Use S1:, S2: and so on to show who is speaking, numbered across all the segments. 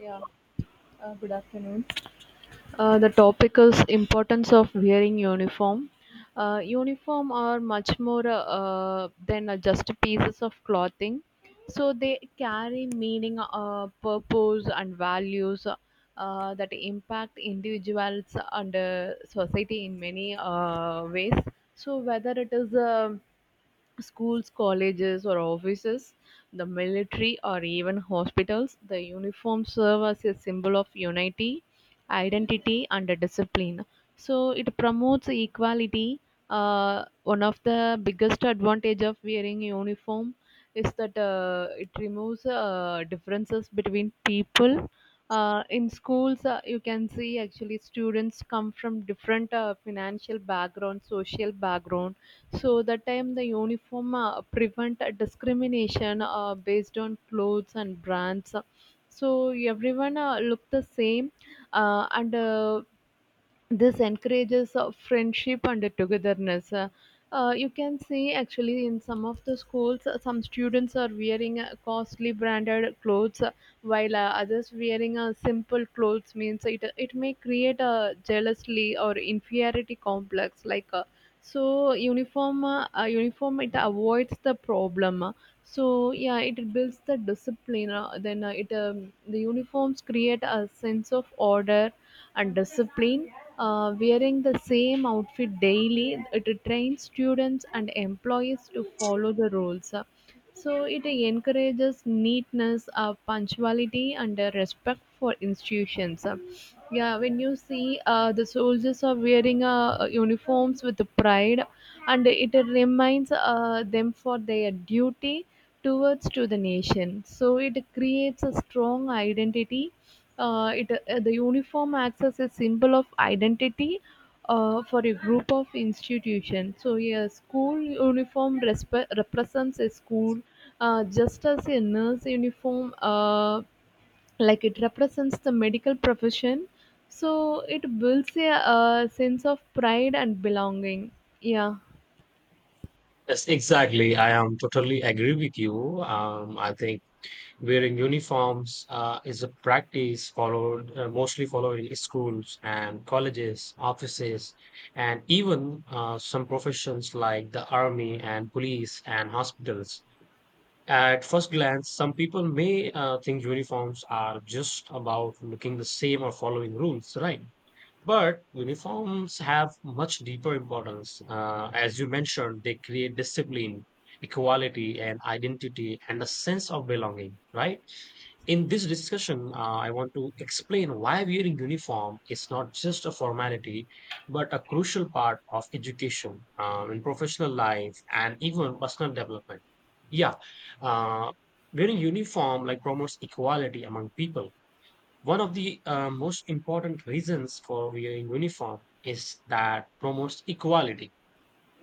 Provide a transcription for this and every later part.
S1: Yeah, good afternoon. The topic is importance of wearing uniform. Uniform are much more than just pieces of clothing. So they carry meaning, purpose, and values that impact individuals and society in many ways. So whether it is schools, colleges, or offices, the military, or even hospitals, the uniforms serve as a symbol of unity, identity, and a discipline. So it promotes equality. One of the biggest advantage of wearing uniform is that it removes differences between people. In schools, you can see actually students come from different financial background, social background, so that time the uniform prevent discrimination based on clothes and brands. So everyone look the same, and this encourages friendship and togetherness. You can see actually in some of the schools, some students are wearing costly branded clothes while others wearing a simple clothes means it may create a jealously or inferiority complex like so uniform it avoids the problem. So yeah, it builds the discipline, the uniforms create a sense of order and discipline. Wearing the same outfit daily, it trains students and employees to follow the rules, so it encourages neatness, punctuality, and respect for institutions. Yeah, when you see the soldiers are wearing uniforms with pride, and it reminds them for their duty towards to the nation. So it creates a strong identity. The uniform acts as a symbol of identity for a group of institutions. So, a school uniform represents a school, just as a nurse uniform, like it represents the medical profession. So, it builds a, uh, sense of pride and belonging. Yeah.
S2: All the inventory actually students come from different financial background, social background. Yes, exactly. I am totally agree with you. I think wearing uniforms is a practice followed mostly followed in schools and colleges, offices, and even some professions like the army and police and hospitals. At first glance, some people may think uniforms are just about looking the same or following rules, right? But uniforms have much deeper importance. As you mentioned, they create discipline, equality, and identity, and a sense of belonging, right? In this discussion, I want to explain why wearing uniform is not just a formality, but a crucial part of education, in professional life, and even personal development. Yeah, uh, wearing uniform like promotes equality among people. One of the most important reasons for wearing uniform is that promotes equality.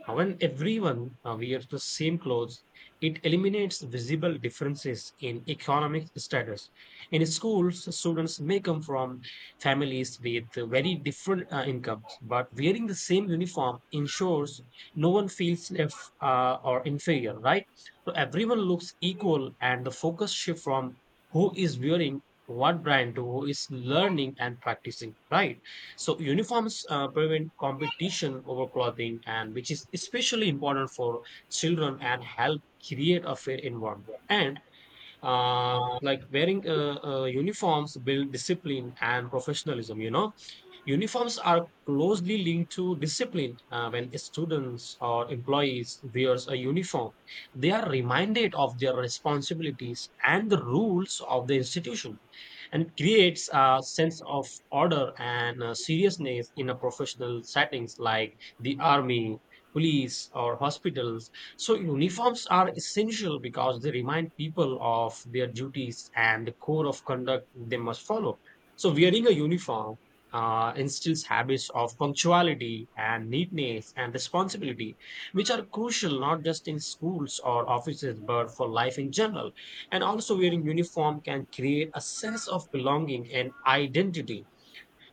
S2: When everyone wears the same clothes, it eliminates visible differences in economic status. In schools, students may come from families with very different incomes, but wearing the same uniform ensures no one feels left or inferior, right? So everyone looks equal, and the focus shift from who is wearing what brand to who is learning and practicing, right? So uniforms prevent competition over clothing, and which is especially important for children and help create a fair environment. And like wearing uniforms build discipline and professionalism. You know, uniforms are closely linked to discipline. When students or employees wears a uniform, they are reminded of their responsibilities and the rules of the institution, and creates a sense of order and seriousness in a professional settings like the army, police, or hospitals. So uniforms are essential because they remind people of their duties and the code of conduct they must follow. So wearing a uniform instills habits of punctuality and neatness and responsibility, which are crucial not just in schools or offices but for life in general. And also, wearing uniform can create a sense of belonging and identity.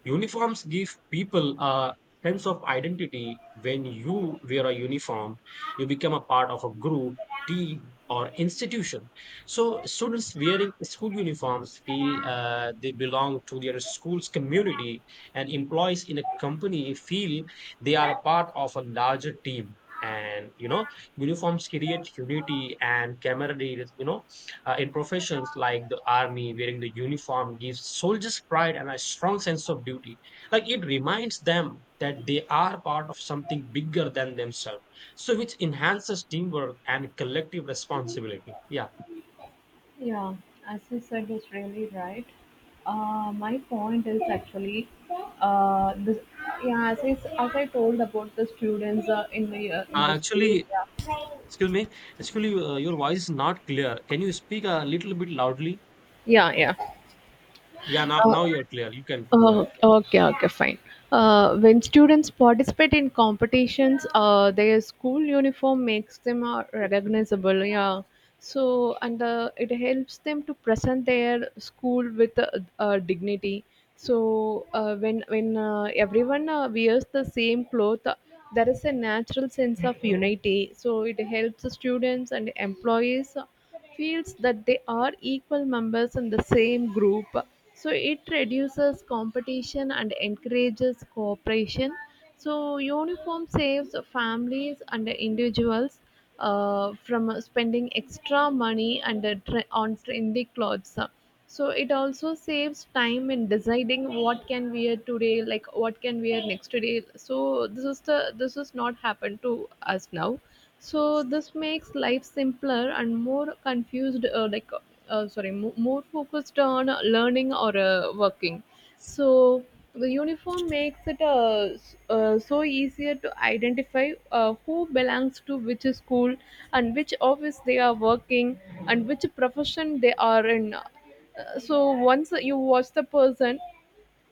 S2: Uniforms give people a sense of identity. When you wear a uniform, you become a part of a group, team, or institution. So, students wearing school uniforms feel they belong to their school's community, and employees in a company feel they are a part of a larger team. And you know, uniforms create unity and camaraderie. You know, in professions like the army, wearing the uniform gives soldiers pride and a strong sense of duty. Like it reminds them that they are part of something bigger than themselves. So, which enhances teamwork and collective responsibility. Yeah.
S1: Yeah, as you said, is really right. My point is actually this. Yeah, as I told about the students in
S2: Uh,
S1: the school.
S2: actually, excuse me. Actually, your voice is not clear. Can you speak a little bit loudly?
S1: Yeah, yeah, yeah.
S2: Yeah, now,
S1: Uh,
S2: now you're clear. You can go
S1: Oh,
S2: ahead.
S1: okay, okay, fine. When students participate in competitions, their school uniform makes them recognizable. Yeah. So, and it helps them to present their school with dignity. So, when everyone wears the same cloth, there is a natural sense of unity. So, it helps the students and employees feels that they are equal members in the same group. So it reduces competition and encourages cooperation. So uniform saves families and individuals from spending extra money and on trendy clothes, so it also saves time in deciding what can wear today, like what can wear next day. So this is not happened to us now. So this makes life simpler and more confused, sorry, more focused on learning or working. So the uniform makes it so easier to identify who belongs to which school, and which office they are working, and which profession they are in. So once you watch the person,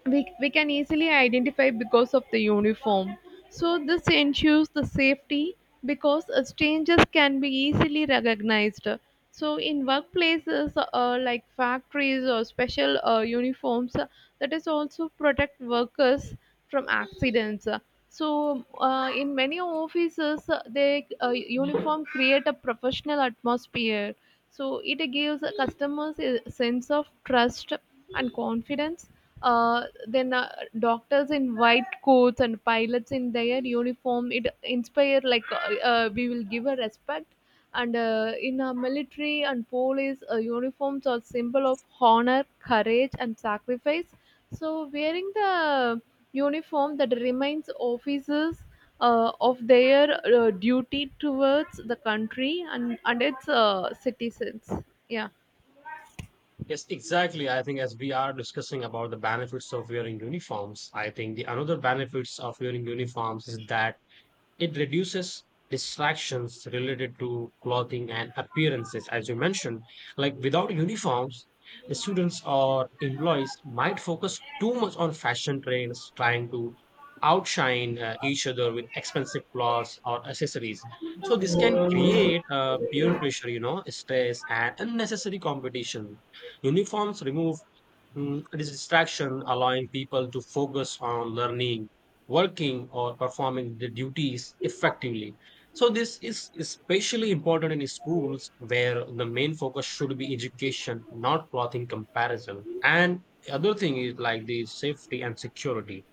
S1: we can easily identify because of the uniform. So this ensures the safety because strangers can be easily recognized. So, in workplaces like factories or special uniforms, that is also protect workers from accidents. So, in many offices, they uniform create a professional atmosphere. So, it gives customers a sense of trust and confidence. Then Doctors in white coats and pilots in their uniform, it inspire like we will give a respect. And in our military and police, uniforms are symbol of honor, courage, and sacrifice. So wearing the uniform that reminds officers of their duty towards the country and its citizens. Yeah.
S2: Yes, exactly. I think as we are discussing about the benefits of wearing uniforms, I think the another benefits of wearing uniforms is that it reduces distractions related to clothing and appearances, as you mentioned. Like without uniforms, the students or employees might focus too much on fashion trends, trying to outshine each other with expensive clothes or accessories. So this can create peer pressure, you know, stress and unnecessary competition. Uniforms remove this distraction, allowing people to focus on learning working or performing the duties effectively. So, this is especially important in schools where the main focus should be education, not clothing comparison. And the other thing is like the safety and security.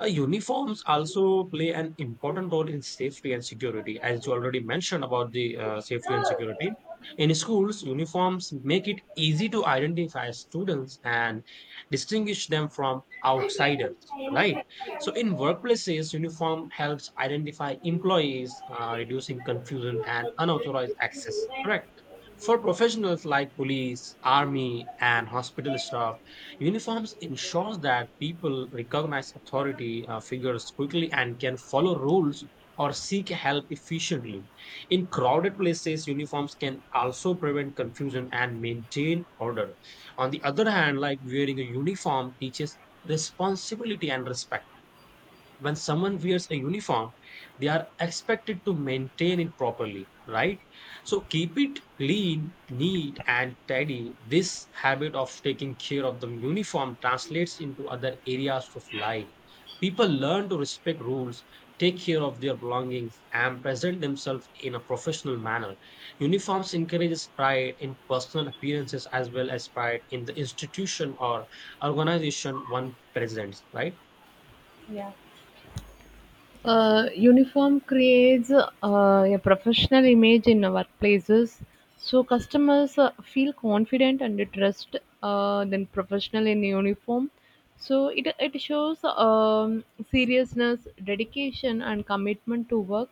S2: Uniforms also play an important role in safety and security, as you already mentioned about the safety and security. In schools, uniforms make it easy to identify students and distinguish them from outsiders, right? So, in workplaces, uniform helps identify employees, reducing confusion and unauthorized access, correct? For professionals like police, army, and hospital staff, uniforms ensures that people recognize authority figures quickly and can follow rules or seek help efficiently. In crowded places, uniforms can also prevent confusion and maintain order. On the other hand, like wearing a uniform teaches responsibility and respect. When someone wears a uniform, they are expected to maintain it properly, right? So keep it clean, neat, and tidy. This habit of taking care of the uniform translates into other areas of life. People learn to respect rules, take care of their belongings, and present themselves in a professional manner. Uniforms encourages pride in personal appearances as well as pride in the institution or organization one presents, right?
S1: Yeah. Uniform creates a professional image in workplaces, so customers feel confident and trust then professional in uniform. So it shows seriousness, dedication, and commitment to work.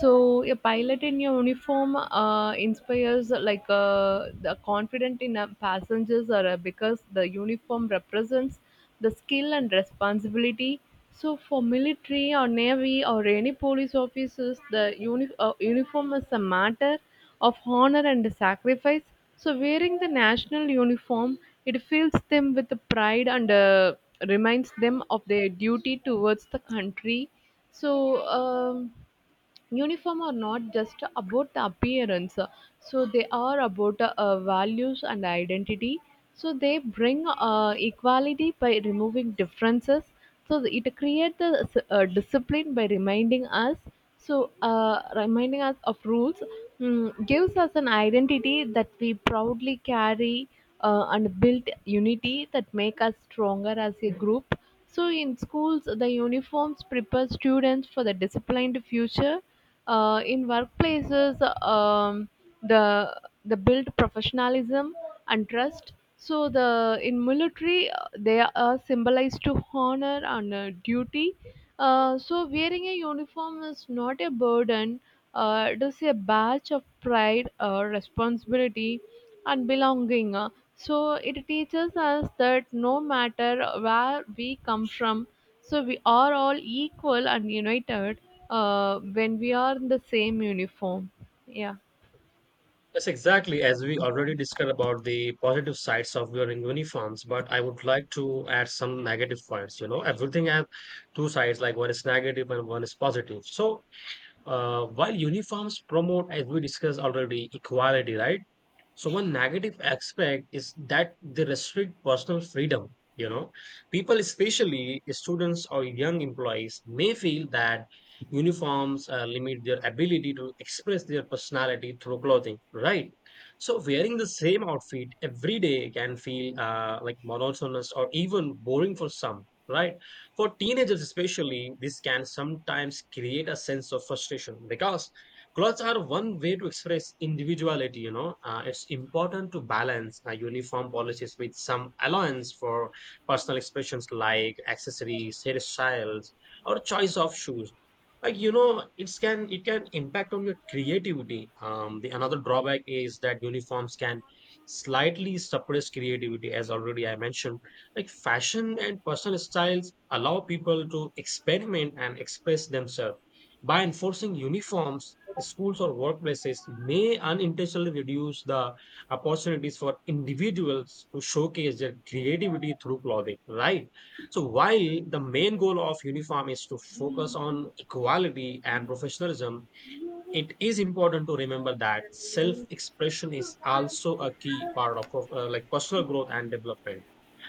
S1: So a pilot in your uniform inspires like the confidence in a passengers are because the uniform represents the skill and responsibility. So for military or navy or any police officers, the uniform is a matter of honor and sacrifice. So wearing the national uniform, it fills them with the pride and reminds them of their duty towards the country. So, um, uniform are not just about the appearance, so they are about values and identity. So they bring equality by removing differences. So it creates the discipline by reminding us. So reminding us of rules, mm, gives us an identity that we proudly carry and build unity that make us stronger as a group. So in schools, the uniforms prepare students for the disciplined future. In workplaces, the build professionalism and trust. So the in military, they are symbolized to honor and duty. So wearing a uniform is not a burden. It is a badge of pride or responsibility and belonging. So it teaches us that no matter where we come from, so we are all equal and united when we are in the same uniform. Yeah.
S2: Yes, exactly. As we already discussed about the positive sides of wearing uniforms, but I would like to add some negative points. You know, everything has two sides, like one is negative and one is positive. So, while uniforms promote, as we discussed already, equality, right? So one negative aspect is that they restrict personal freedom. You know, people, especially students or young employees, may feel that uniforms limit their ability to express their personality through clothing, right? So wearing the same outfit every day can feel like monotonous or even boring for some, right? For teenagers, especially, this can sometimes create a sense of frustration because clothes are one way to express individuality, you know. It's important to balance uniform policies with some allowance for personal expressions like accessories, hairstyles, or choice of shoes. Like you know, it can impact on your creativity. The another drawback is that uniforms can slightly suppress creativity, as already I mentioned. Like fashion and personal styles allow people to experiment and express themselves by enforcing uniforms, schools or workplaces may unintentionally reduce the opportunities for individuals to showcase their creativity through clothing, right? So, while the main goal of uniform is to focus on equality and professionalism, it is important to remember that self expression is also a key part of like personal growth and development.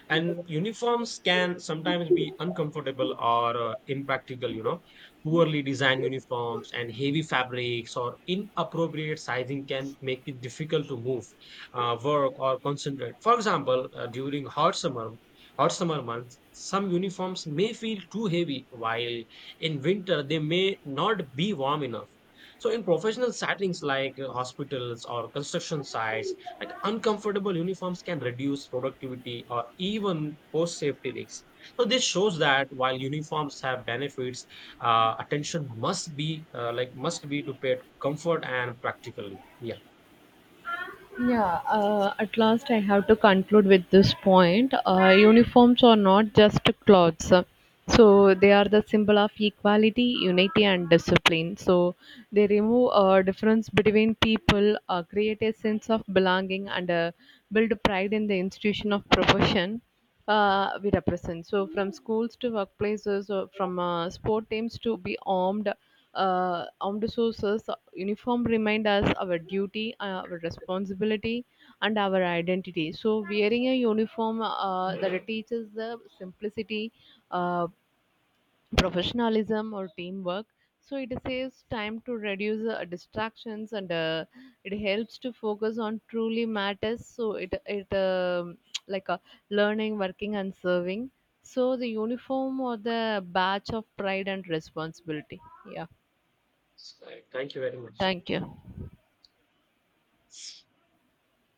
S2: And uniforms can sometimes be uncomfortable or impractical, you know. Poorly designed uniforms and heavy fabrics or inappropriate sizing can make it difficult to move work or concentrate. For example, during hot summer months some uniforms may feel too heavy, while in winter they may not be warm enough. So in professional settings like hospitals or construction sites, like uncomfortable uniforms can reduce productivity or even post safety risks. So this shows that while uniforms have benefits, attention must be to pair comfort and practically. Yeah.
S1: Yeah, at last I have to conclude with this point. Uniforms are not just clothes. So they are the symbol of equality, unity, and discipline. So they remove a difference between people, create a sense of belonging, and build pride in the institution of profession we represent. So from schools to workplaces, or from sport teams to be armed, armed sources, uniform remind us our duty, our responsibility, and our identity. So wearing a uniform that teaches the simplicity, uh, professionalism or teamwork. So it saves time to reduce distractions and it helps to focus on truly matters. So it like a learning, working, and serving. So the uniform or the badge of pride and responsibility. Yeah,
S2: So, thank you very much.
S1: thank you.